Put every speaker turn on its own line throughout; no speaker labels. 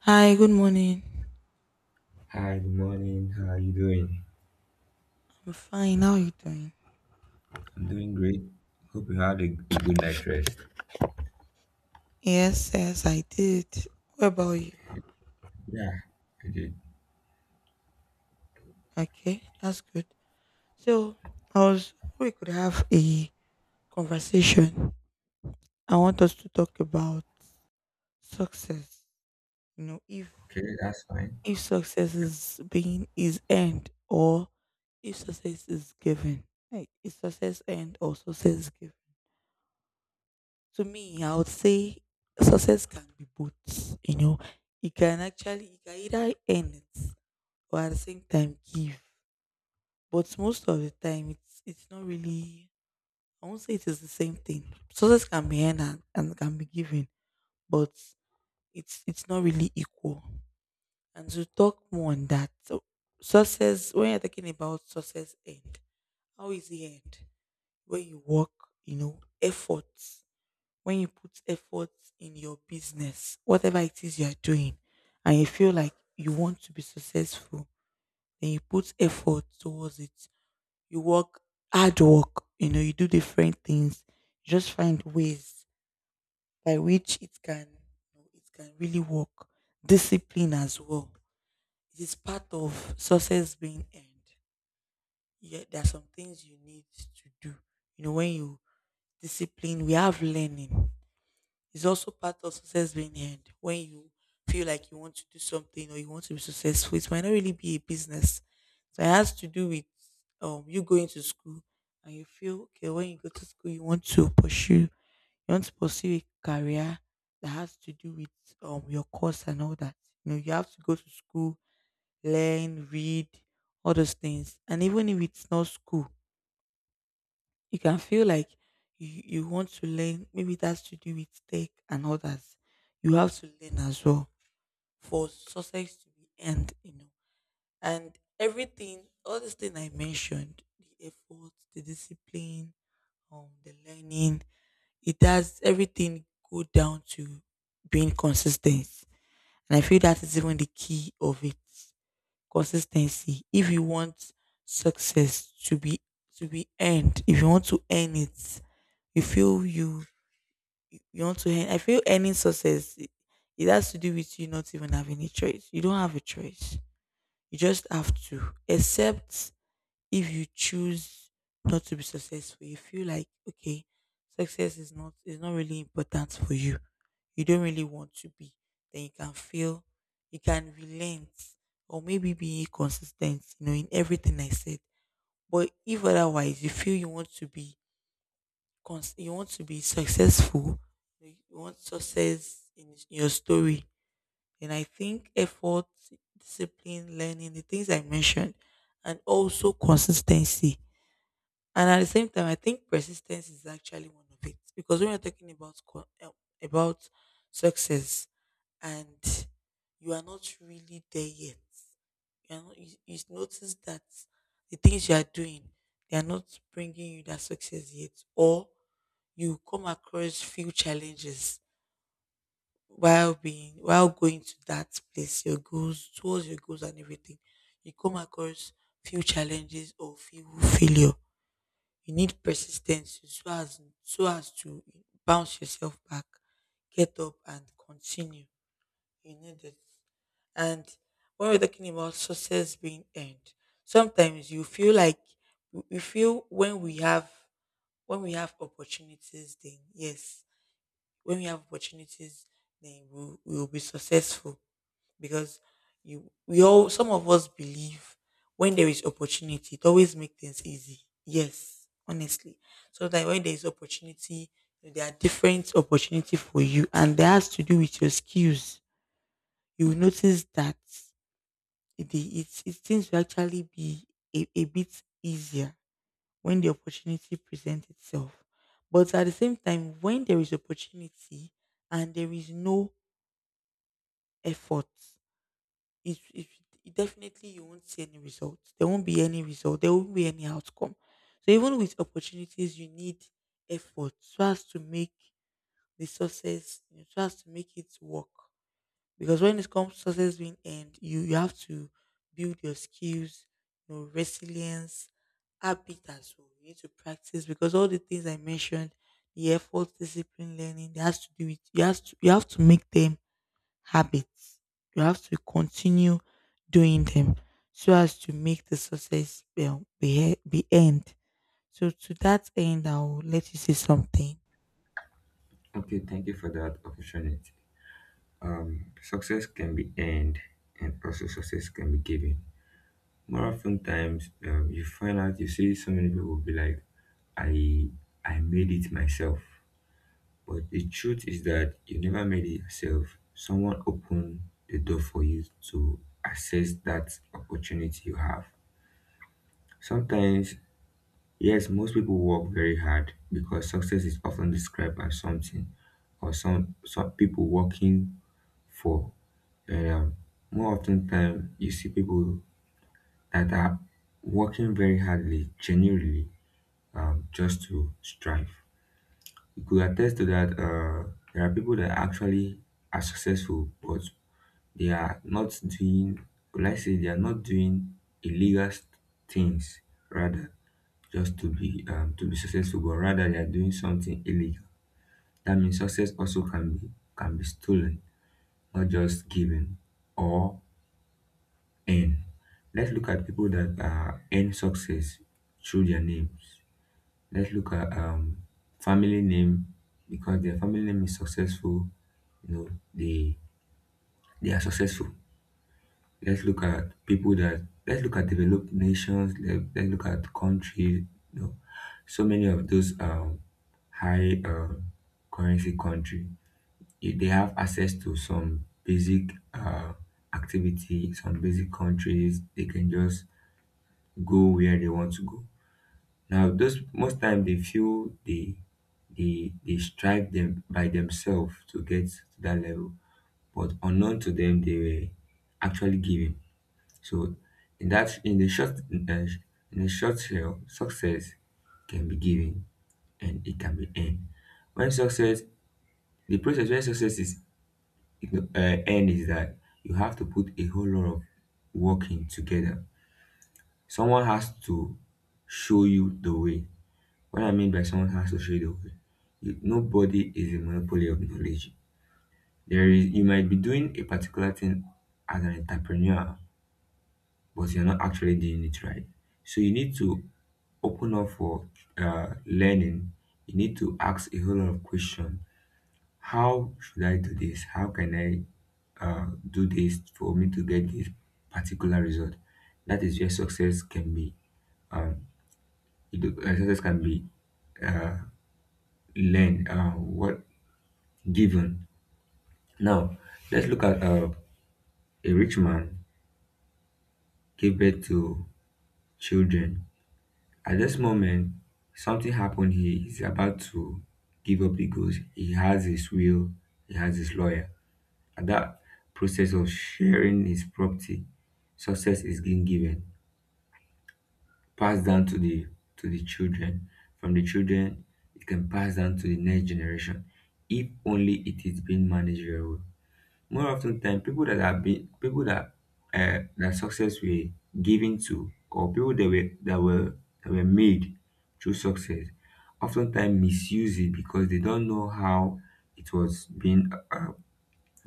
Hi, good morning.
Hi, good morning. How are you doing?
I'm fine. How are you doing?
I'm doing great. Hope you had a good night's rest.
Yes, yes, I did. What about you?
Yeah, I did.
Okay, that's good. So, I was we could have a conversation. I want us to talk about success. You know, if
Okay, that's fine.
if success is earned or if success is given. Like, is success earned or success given? To me, I would say success can be both. You know, you can either earn it or at the same time give. But most of the time, it's not really. I won't say it is the same thing. Success can be earned and can be given, but it's not really equal. And to talk more on that, so success when you're talking about success end, how is it end? When you work, you know, efforts. When you put efforts in your business, whatever it is you are doing, and you feel like you want to be successful, then you put effort towards it. You work hard work, you know, you do different things, you just find ways by which it can really work. Discipline as well. It is part of success being earned. Yeah, there are some things you need to do. You know, when you discipline, we have learning. It's also part of success being earned. When you feel like you want to do something or you want to be successful, it might not really be a business. So it has to do with you going to school, and you feel okay, when you go to school you want to pursue a career that has to do with your course and all that. You know, you have to go to school, learn, read, all those things. And even if it's not school, you can feel like you want to learn. Maybe that's to do with tech and others. You have to learn as well for success to be earned, you know. And everything, all this thing I mentioned, the effort, the discipline, the learning, it does everything go down to being consistent. And I feel that is even the key of it. Consistency. If you want success to be earned, if you want to earn it, you feel you you want to earn. I feel earning success, it has to do with you not even having a choice. You don't have a choice. You just have to. Except if you choose not to be successful, you feel like, okay, success is not really important for you. You don't really want to be. Then you can feel you can relent or maybe be consistent, you know, in everything I said. But if otherwise you feel you want to be you want to be successful, you want success in your story. And I think effort, discipline, learning, the things I mentioned, and also consistency, and at the same time, I think persistence is actually one of it, because when you're talking about about success and you are not really there yet, you are not, you notice that the things you are doing, they are not bringing you that success yet, or you come across few challenges while being while going to that place, your goals towards your goals and everything, you come across few challenges or few failure. You need persistence so as to bounce yourself back, get up and continue. You need it. And when we're talking about success being earned, sometimes you feel like we feel when we have opportunities, then yes, when we have opportunities, then we will be successful, because you we all, some of us, believe when there is opportunity, it always makes things easy. Yes, honestly. So that when there is opportunity, there are different opportunity for you, and that has to do with your skills. You will notice that it seems to actually be a bit easier when the opportunity presents itself. But at the same time, when there is opportunity and there is no effort, it, it it definitely, you won't see any results. There won't be any result. There won't be any outcome. So even with opportunities, you need effort so as to make the success, you know, so as to make it work. Because when it comes to success being end, you have to build your skills, your resilience, habit as well. You need to practice, because all the things I mentioned, the effort, discipline, learning, they has to do with you have to make them habits. You have to continue doing them so as to make the success well, be end. So to that end, I'll let you say something.
Okay, thank you for that opportunity. Success can be earned, and also success can be given. More often times, you find out you see so many people be like, "I, I made it myself," but the truth is that you never made it yourself. Someone opened the door for you to access that opportunity you have. Sometimes, yes, most people work very hard because success is often described as something or some people working for. And more often time, you see people that are working very hardly, genuinely, just to strive. You could attest to that. There are people that actually are successful, but they are not doing. Let's say they are not doing illegal things. Rather, just to be successful, but rather they are doing something illegal. That means success also can be stolen, not just given or earned. Let's look at people that earn success through their names. Let's look at family name because their family name is successful. You know they they are successful. Let's look at developed nations. Let's look at countries. You know, so many of those high currency country, they have access to some basic activity, some basic countries. They can just go where they want to go. Now, those most time they feel they strive them by themselves to get to that level, but unknown to them, they were actually given. So in that in the short in a, in a short hell, success can be given and it can be earned. When success, the process when success is earned is that you have to put a whole lot of work in together. Someone has to show you the way. What I mean by someone has to show you the way, nobody is a monopoly of knowledge. There is You might be doing a particular thing as an entrepreneur but you're not actually doing it right. So you need to open up for learning. You need to ask a whole lot of questions. How should I do this? How can I do this for me to get this particular result? That is where success can be. Um, you Success can be uh, learned. What given? Now let's look at a rich man gave birth to children. At this moment, something happened. He is about to give up the ghost. He has his will, he has his lawyer. At that process of sharing his property, success is being given, passed down to the children. From the children, it can pass down to the next generation, if only it is being managed very well. More often than people that have been, people that that success were given to, or people that were that were made through success, oftentimes misuse it because they don't know how it was being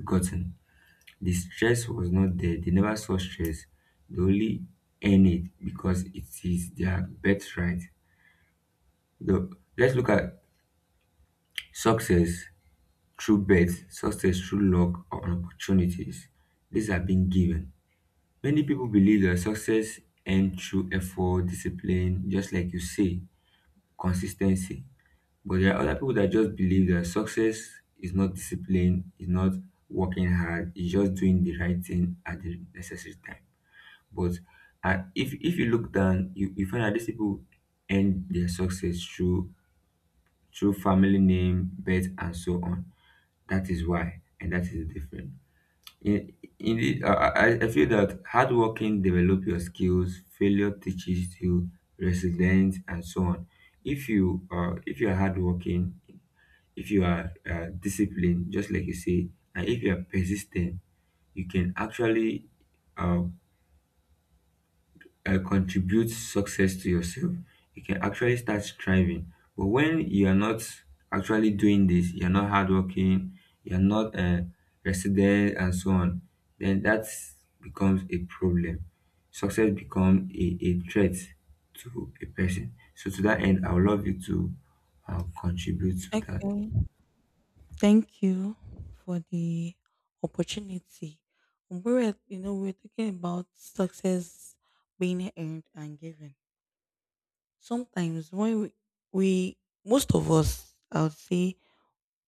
gotten. The stress was not there, they never saw stress, they only earn it because it is their birthright. the, let's look at success through birth, success through luck or opportunities. These are being given. Many people believe that success earned through effort, discipline, just like you say, consistency. But there are other people that just believe that success is not discipline, is not working hard, it's just doing the right thing at the necessary time. But if you look down, you find that these people end their success through family name, birth, and so on. That is why, and that is the difference. In, Indeed, I feel that hard working develop your skills, failure teaches you resilience, and so on. If you are hardworking, if you are disciplined, just like you say, and if you are persistent, you can actually uh, contribute success to yourself, you can actually start striving. But when you are not actually doing this, you're not hardworking, you're not resident, and so on, then that becomes a problem. Success becomes a threat to a person. So, to that end, I would love you to contribute to that.
Okay. Thank you for the opportunity. You know, we're talking about success being earned and given. Sometimes when we, most of us, I would say,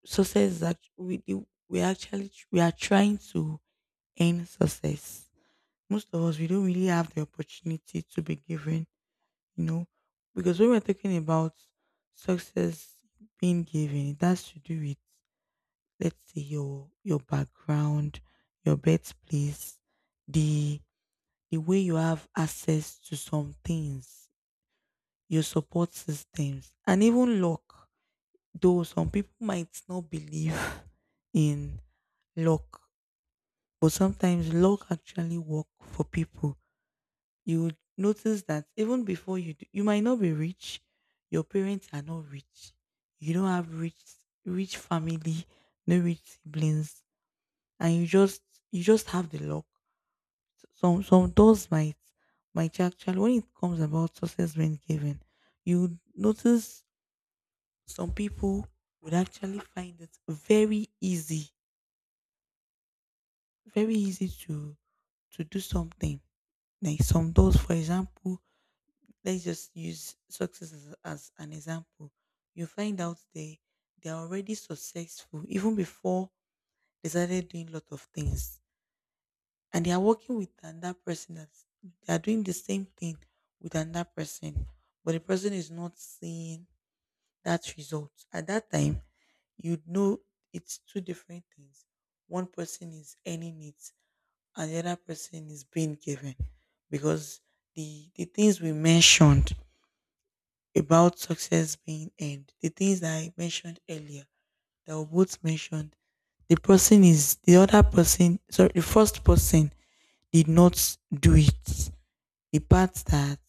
success is act- we the- we actually we are trying to earn success. Most of us, we don't really have the opportunity to be given, you know, because when we're talking about success being given, it has to do with, let's say, your background, your birthplace, the the way you have access to some things, your support systems, and even luck. Though some people might not believe in luck. But sometimes luck actually work for people. You would notice that even before you do, you might not be rich. Your parents are not rich. You don't have rich family, no rich siblings, and you just have the luck. Some doors might actually, when it comes about success when given, you would notice some people would actually find it very easy to do something, like some doors. For example, let's just use success as an example. You find out they are already successful even before they started doing a lot of things, and they are working with another person, that they are doing the same thing with another person, but the person is not seeing that result. At that time, you know, it's two different things. One person is earning it, and the other person is being given, because the things we mentioned about success being end. The things that I mentioned earlier that were both mentioned, the other person, sorry, the first person did not do it. The part that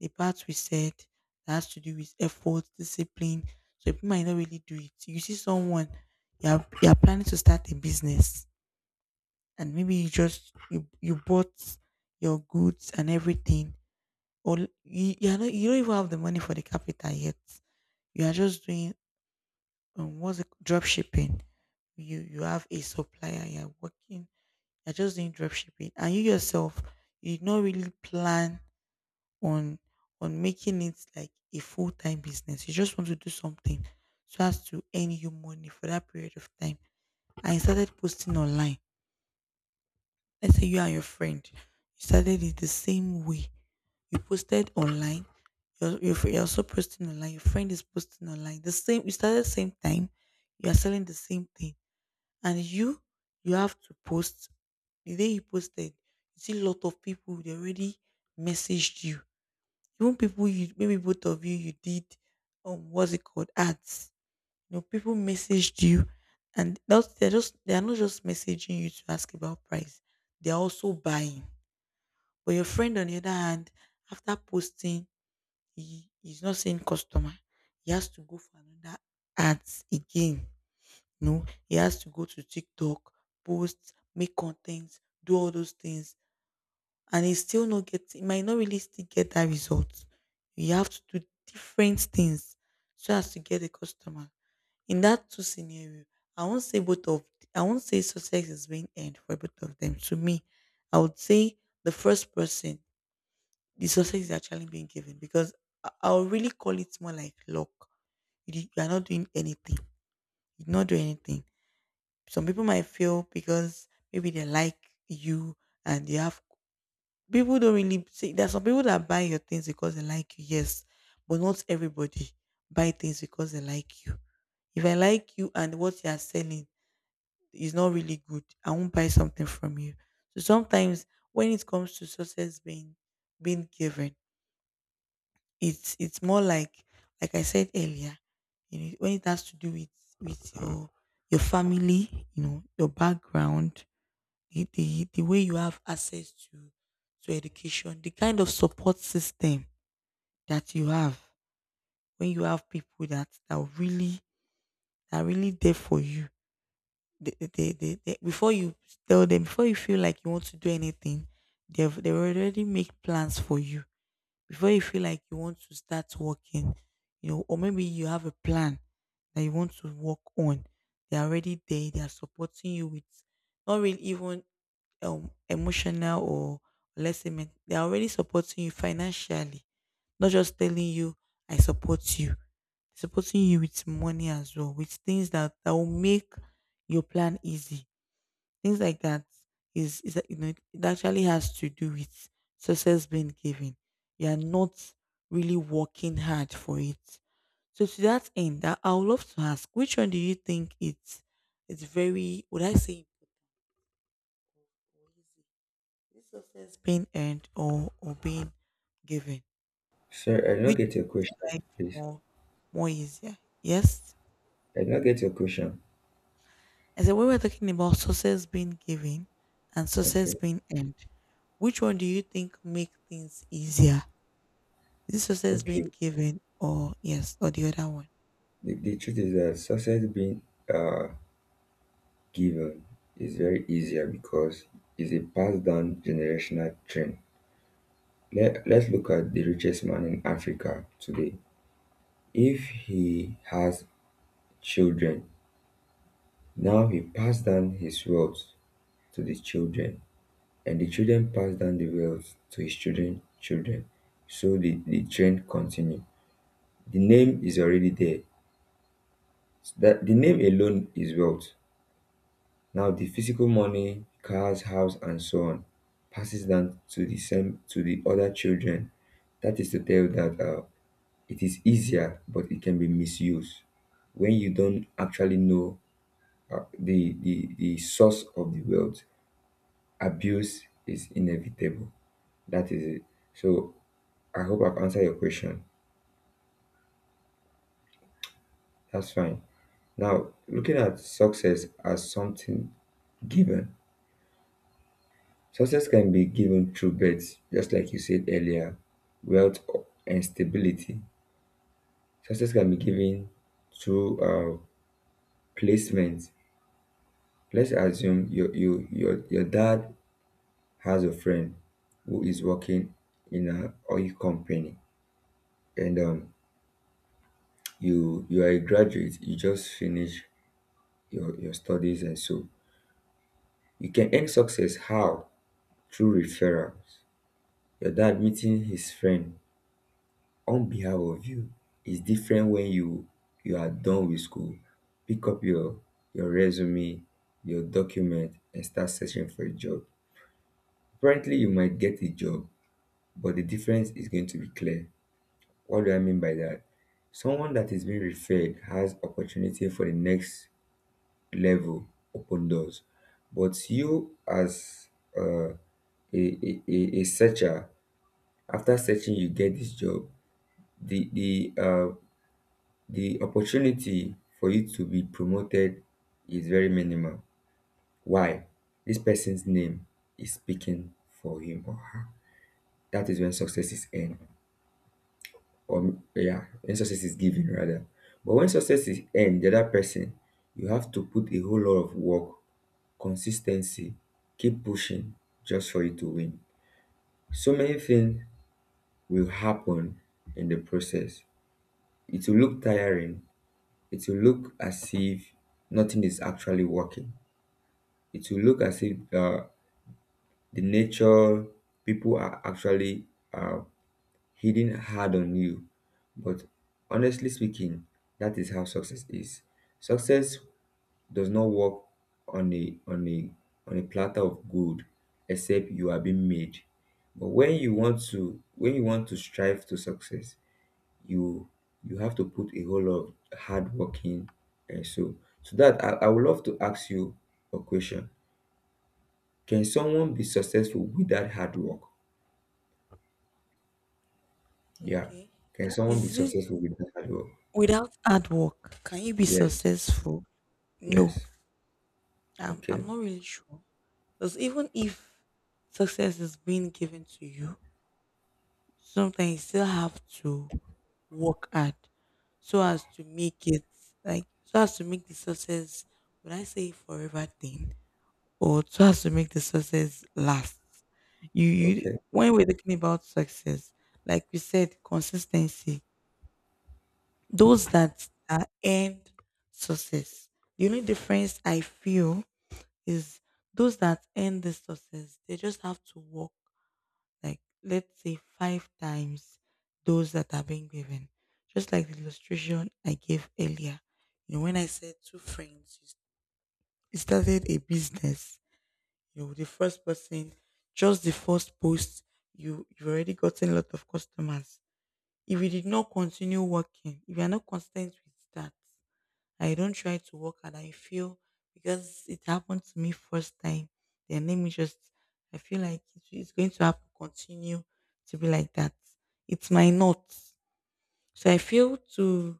the part we said that has to do with effort, discipline. So people might not really do it. You see someone, you're planning to start a business, and maybe you bought your goods and everything. Or you're not, you don't even have the money for the capital yet, you are just doing, what's it, drop shipping? You have a supplier, you're working, you're just doing drop shipping, and you yourself, you did not really plan on making it like a full time business. You just want to do something so as to earn you money for that period of time. And you started posting online. Let's say you and your friend, you started it the same way. You posted online. You're also posting online. Your friend is posting online. The same. You started the same time. You are selling the same thing, and you have to post. The day you posted, you see a lot of people, they already messaged you, even people you, maybe both of you, you did, um, what's it called, ads, you know. People messaged you, and that's they're just, they are not just messaging you to ask about price, they're also buying. But your friend, on the other hand, after posting, is not saying customer, he has to go for another ads again. No, he has to go to TikTok, post, make content, do all those things, and he still not get. He might not really still get that result. You have to do different things so as to get a customer. In that two scenario, I won't say both of. I won't say success is being earned for both of them. To me, I would say the first person, the success is actually being given, because I'll really call it more like luck. You are not doing anything. You did not do anything. Some people might fail because maybe they like you, and they have, people don't really see, there are some people that buy your things because they like you, yes, but not everybody buy things because they like you. If I like you and what you are selling is not really good, I won't buy something from you. So sometimes when it comes to success being given, it's more like I said earlier, when it has to do with with your family, your background, the way you have access to education, the kind of support system that you have when you have people that are really there for you. Before you tell them, before you feel like you want to do anything, they already make plans for you before you feel like you want to start working, or maybe you have a plan that you want to work on. They're already there. They are supporting you with not really even emotional or they're already supporting you financially, not just telling you I support you, supporting you with money as well, with things that will make your plan easy. Things like that is it actually has to do with success being given. You are not really working hard for it. So to that end, I would love to ask, which one do you think it's very would I say or easy? Is success being earned or being given?
Sir, I did not
Which
get your
makes
question,
life
please.
more more easier? Yes.
I did not get your question.
As when we are talking about success being given and success
Okay.
being earned, which one do you think make things easier? Is this success being
Okay.
given or yes, or the other one?
The truth is that success being uh given is very easier because it's a passed down generational trend. Let's look at the richest man in Africa today. If he has children, now he passed down his wealth to the children, and the children passed down the wealth to his children, children. So the trend continue. The name is already there. So that the name alone is wealth. Now the physical money, cars, house, and so on, passes down to the same to the other children. That is to tell that it is easier, but it can be misused when you don't actually know the source of the wealth. Abuse is inevitable. That is it. So I hope I've answered your question. That's fine. Now looking at success as something given. Success can be given through birth, just like you said earlier, wealth and stability. Success can be given through placement. Let's assume your dad has a friend who is working in a oil company and you are a graduate, you just finish your studies, and so you can earn success how? Through referrals. Your dad meeting his friend on behalf of you. It's different when you are done with school, pick up your resume, your document, and start searching for a job. Apparently you might get a job, but the difference is going to be clear. What do I mean by that? Someone that is being referred has opportunity for the next level, open doors. But you, as uh, a searcher, after searching you get this job. the the uh, The opportunity for you to be promoted is very minimal. Why? This person's name is speaking for him or her. That is when success is earned, or yeah, when success is given rather. But when success is earned, the other person, you have to put a whole lot of work, consistency, keep pushing just for you to win. So many things will happen in the process. It will look tiring. It will look as if nothing is actually working. It will look as if the nature, people are actually uh, hitting hard on you. But honestly speaking, that is how success is. Success does not work on a platter of good, except you are being made. But when you want to strive to success, you you have to put a whole lot of hard work in. And so that I would love to ask you a question. Can someone be successful without hard work? Yeah.
Okay.
Can
That
someone be
is it
successful without hard work?
without hard work. Can you be
Yes.
successful? No.
Yes.
I'm
Okay.
not really sure. Because even if success is being given to you, sometimes you still have to work hard so as to make it like so as to make the success when I say forever thing. Or so as to make the success last. You
Okay.
when we're talking about success, like we said, consistency. Those that are end success. The only difference I feel is those that end the success, they just have to work like let's say five times those that are being given. Just like the illustration I gave earlier. You know, when I said two friends, you started a business you the first person, just the first post, you've already gotten a lot of customers. If you did not continue working, if you're not constant with that, I don't try to work and I feel because it happened to me first time, then let me just I feel like it's going to happen continue to be like that. It might not. So I feel to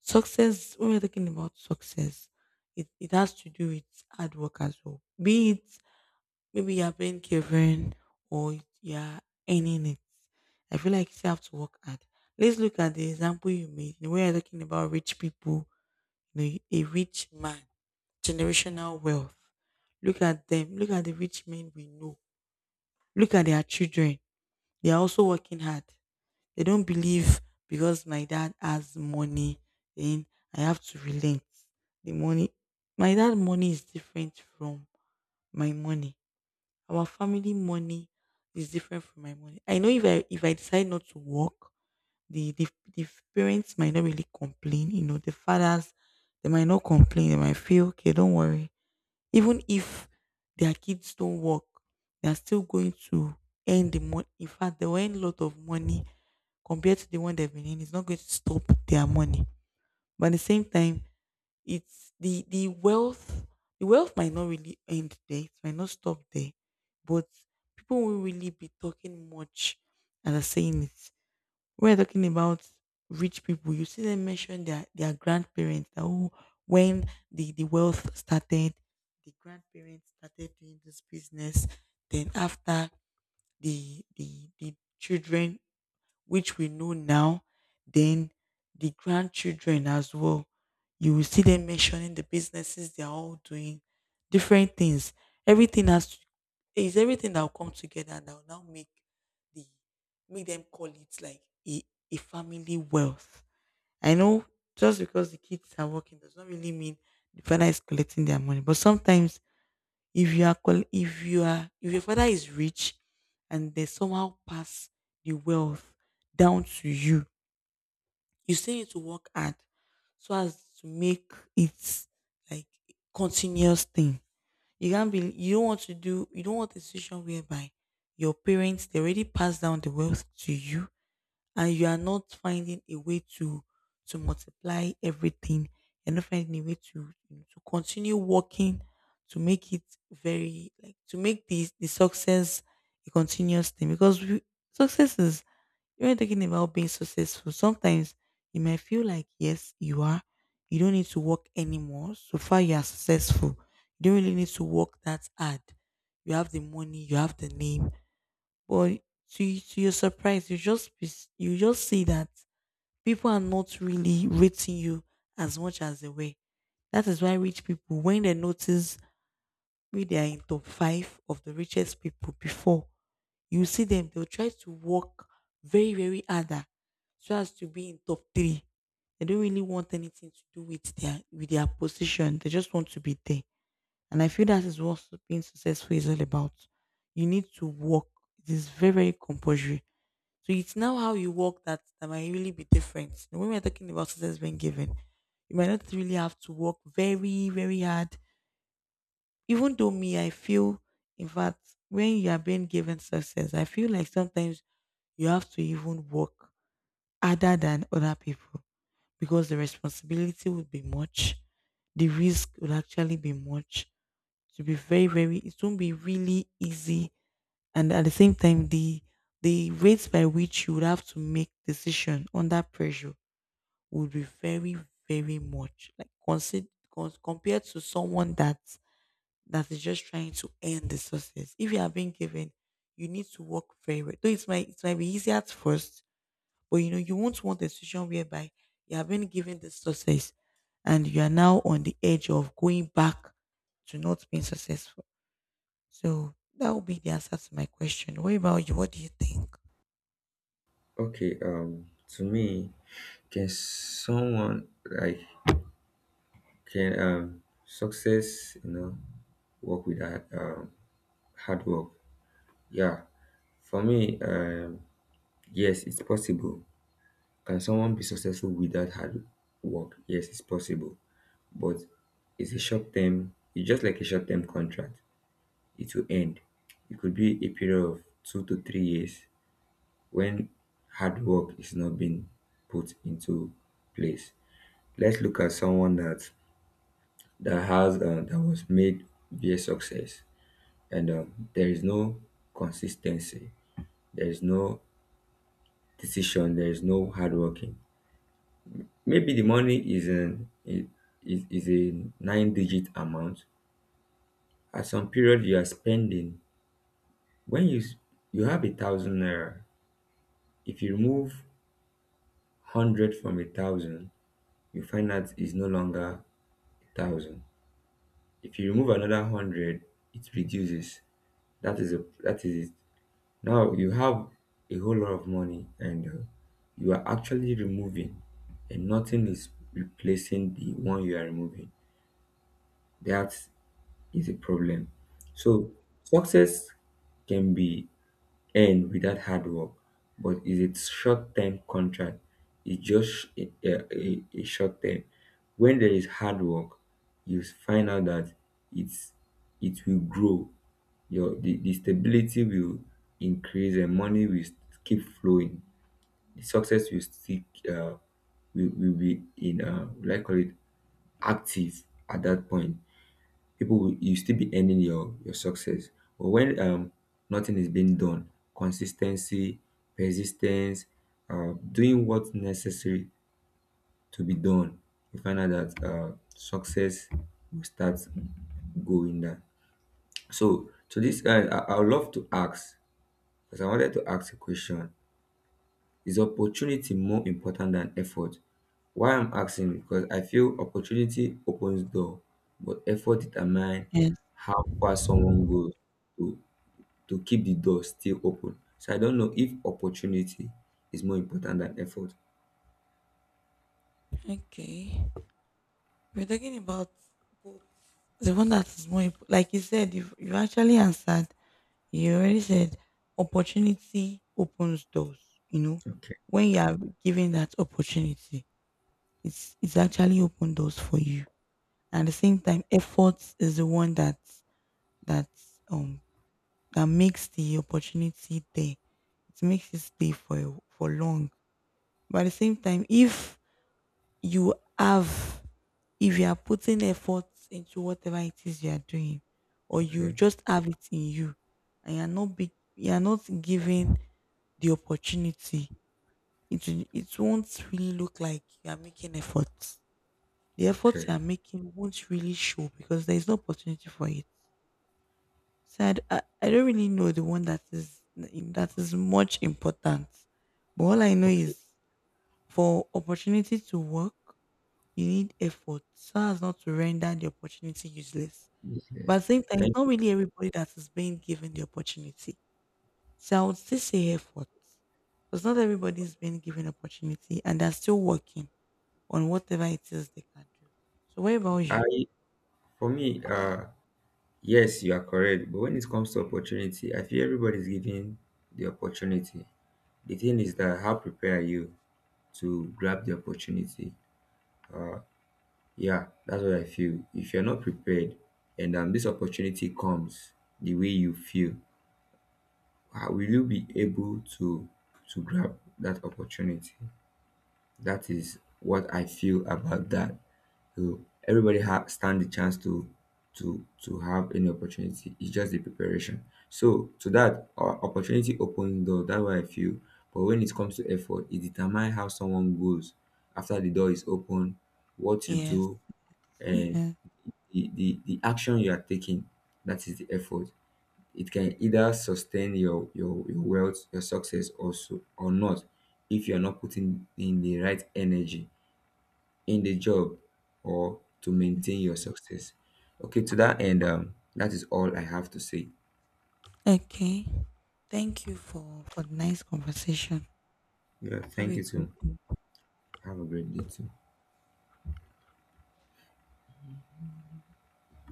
success when we're talking about success, it has to do with hard work as well. Be it maybe you're being given or you're earning it. I feel like you still have to work hard. Let's look at the example you made. You know, we are talking about rich people, you know, a rich man, generational wealth. Look at them. Look at the rich men we know. Look at their children. They are also working hard. They don't believe because my dad has money, then I have to relent. The money, my dad money is different from my money. Our family money is different from my money. I know if I decide not to work, the the, the parents might not really complain. You know, the fathers they might not complain. They might feel okay. Don't worry. Even if their kids don't work, they are still going to earn the money. In fact, they will earn a lot of money compared to the one they've been in. It's not going to stop their money. But at the same time, it's the wealth the wealth might not really end there, it might not stop there, but people won't really be talking much and are saying it. We're talking about rich people. You see them mention their grandparents that oh when the wealth started, the grandparents started doing this business, then after the children which we know now, then the grandchildren as well. You will see them mentioning the businesses they are all doing, different things. Everything has is everything that will come together and that will now make the make them call it like a, a family wealth. I know just because the kids are working does not really mean the father is collecting their money, but sometimes if you are qual- if you are if your father is rich and they somehow pass the wealth down to you, you still need to work hard so as to make it like continuous thing. You can't be you don't want to do you don't want a situation whereby your parents they already passed down the wealth to you and you are not finding a way to multiply everything you're not finding a way to continue working to make it very like to make the success a continuous thing because we, success is when you're talking about being successful sometimes you may feel like yes you are you don't need to work anymore so far you are successful you don't really need to work that hard you have the money you have the name but to your surprise, you just be you just see that people are not really rating you as much as they were. That is why rich people, when they notice we they are in top five of the richest people before, you see them, they'll try to work very, very harder so as to be in top three. They don't really want anything to do with their position. They just want to be there. And I feel that is what being successful is all about. You need to work. It is very, very compulsory so it's now how you walk that might really be different. You know, when we're talking about success being given, you might not really have to work very, very hard. Even though me, I feel, in fact, when you are being given success, I feel like sometimes you have to even work harder than other people because the responsibility would be much. The risk would actually be much. To be very, very, it won't be really easy and at the same time the rates by which you would have to make decision under pressure would be very very much like consider compared to someone that is just trying to earn the success if you are being given you need to work very well though it might be easy at first but you know you won't want a situation whereby you have been given the success and you are now on the edge of going back to not being successful so that would be the answer to my question. What about you? What do you think?
Okay. To me, can someone like can success, work without hard work? Yeah. For me, yes, it's possible. Can someone be successful without hard work? Yes, it's possible. But it's a short term, it's just like a short term contract. It will end. It could be a period of 2 to 3 years when hard work is not being put into place. Let's look at someone that was made via success, and there is no consistency, there is no decision, there is no hard working. Maybe the money is an I- is a nine digit amount. At some period you are spending. When you s- you have a thousand naira. If you remove 100 from a thousand, you find that is no longer a thousand. If you remove another 100, it reduces. That is it. Now you have a whole lot of money, and you are actually removing and nothing is replacing the one you are removing. That is a problem. So success can be earn without hard work, but it's a short term contract, it's just a short term. When there is hard work, you find out that it's it will grow, your the stability will increase and money will keep flowing, the success will stick, uh will be in, like, call it active. At that point people will you still be earning your success. But when nothing is being done, consistency, persistence, doing what's necessary to be done, you find out that success will start going down. So to this end, I would love to ask because I wanted to ask a question. Is opportunity more important than effort? Why I'm asking, because I feel opportunity opens door, but effort determine
Yes.
how far someone goes to keep the door still open. So I don't know if opportunity is more important than effort.
Okay, we're talking about both. The one that is more imp- like you said, you actually answered. You already said opportunity opens doors. You know,
Okay,
when you are given that opportunity, it's actually open doors for you. And at the same time, effort is the one that that um that makes the opportunity there. It makes it stay for a- for long. But at the same time, if you have, if you are putting effort into whatever it is you are doing, or you
okay,
just have it in you, and you are not be, you are not given the opportunity, it will- it won't really look like you are making efforts. The efforts you
okay,
are making won't really show because there is no opportunity for it. So I don't really know the one that is much important. But all I know
okay.
is for opportunity to work, you need effort so as not to render the opportunity useless.
Yes,
But at
yes.
the same time, it's
Thank
not
you.
really everybody that is being given the opportunity. So I would still say effort because not everybody is being given opportunity and they're still working on whatever it is they can do. So what about you?
I For me, yes, you are correct. But when it comes to opportunity, I feel everybody's given the opportunity. The thing is that how prepared are you to grab the opportunity? Yeah, that's what I feel. If you're not prepared and this opportunity comes the way you feel, will you be able to grab that opportunity? That is what I feel about that. So everybody stand the chance to have any opportunity. It's just the preparation. So to that, opportunity opens door. That's what I feel. But when it comes to effort, it determines how someone goes after the door is open, what you
Yes.
do, and
Yeah.
the action you are taking. That is the effort. It can either sustain your wealth, your success, also, or or not, if you are not putting in the right energy in the job or to maintain your success. Okay, to that end, that is all I have to say.
Okay. Thank you for the nice conversation.
Yeah,
Have
thank
a
you
great
too.
day.
Have a great day too.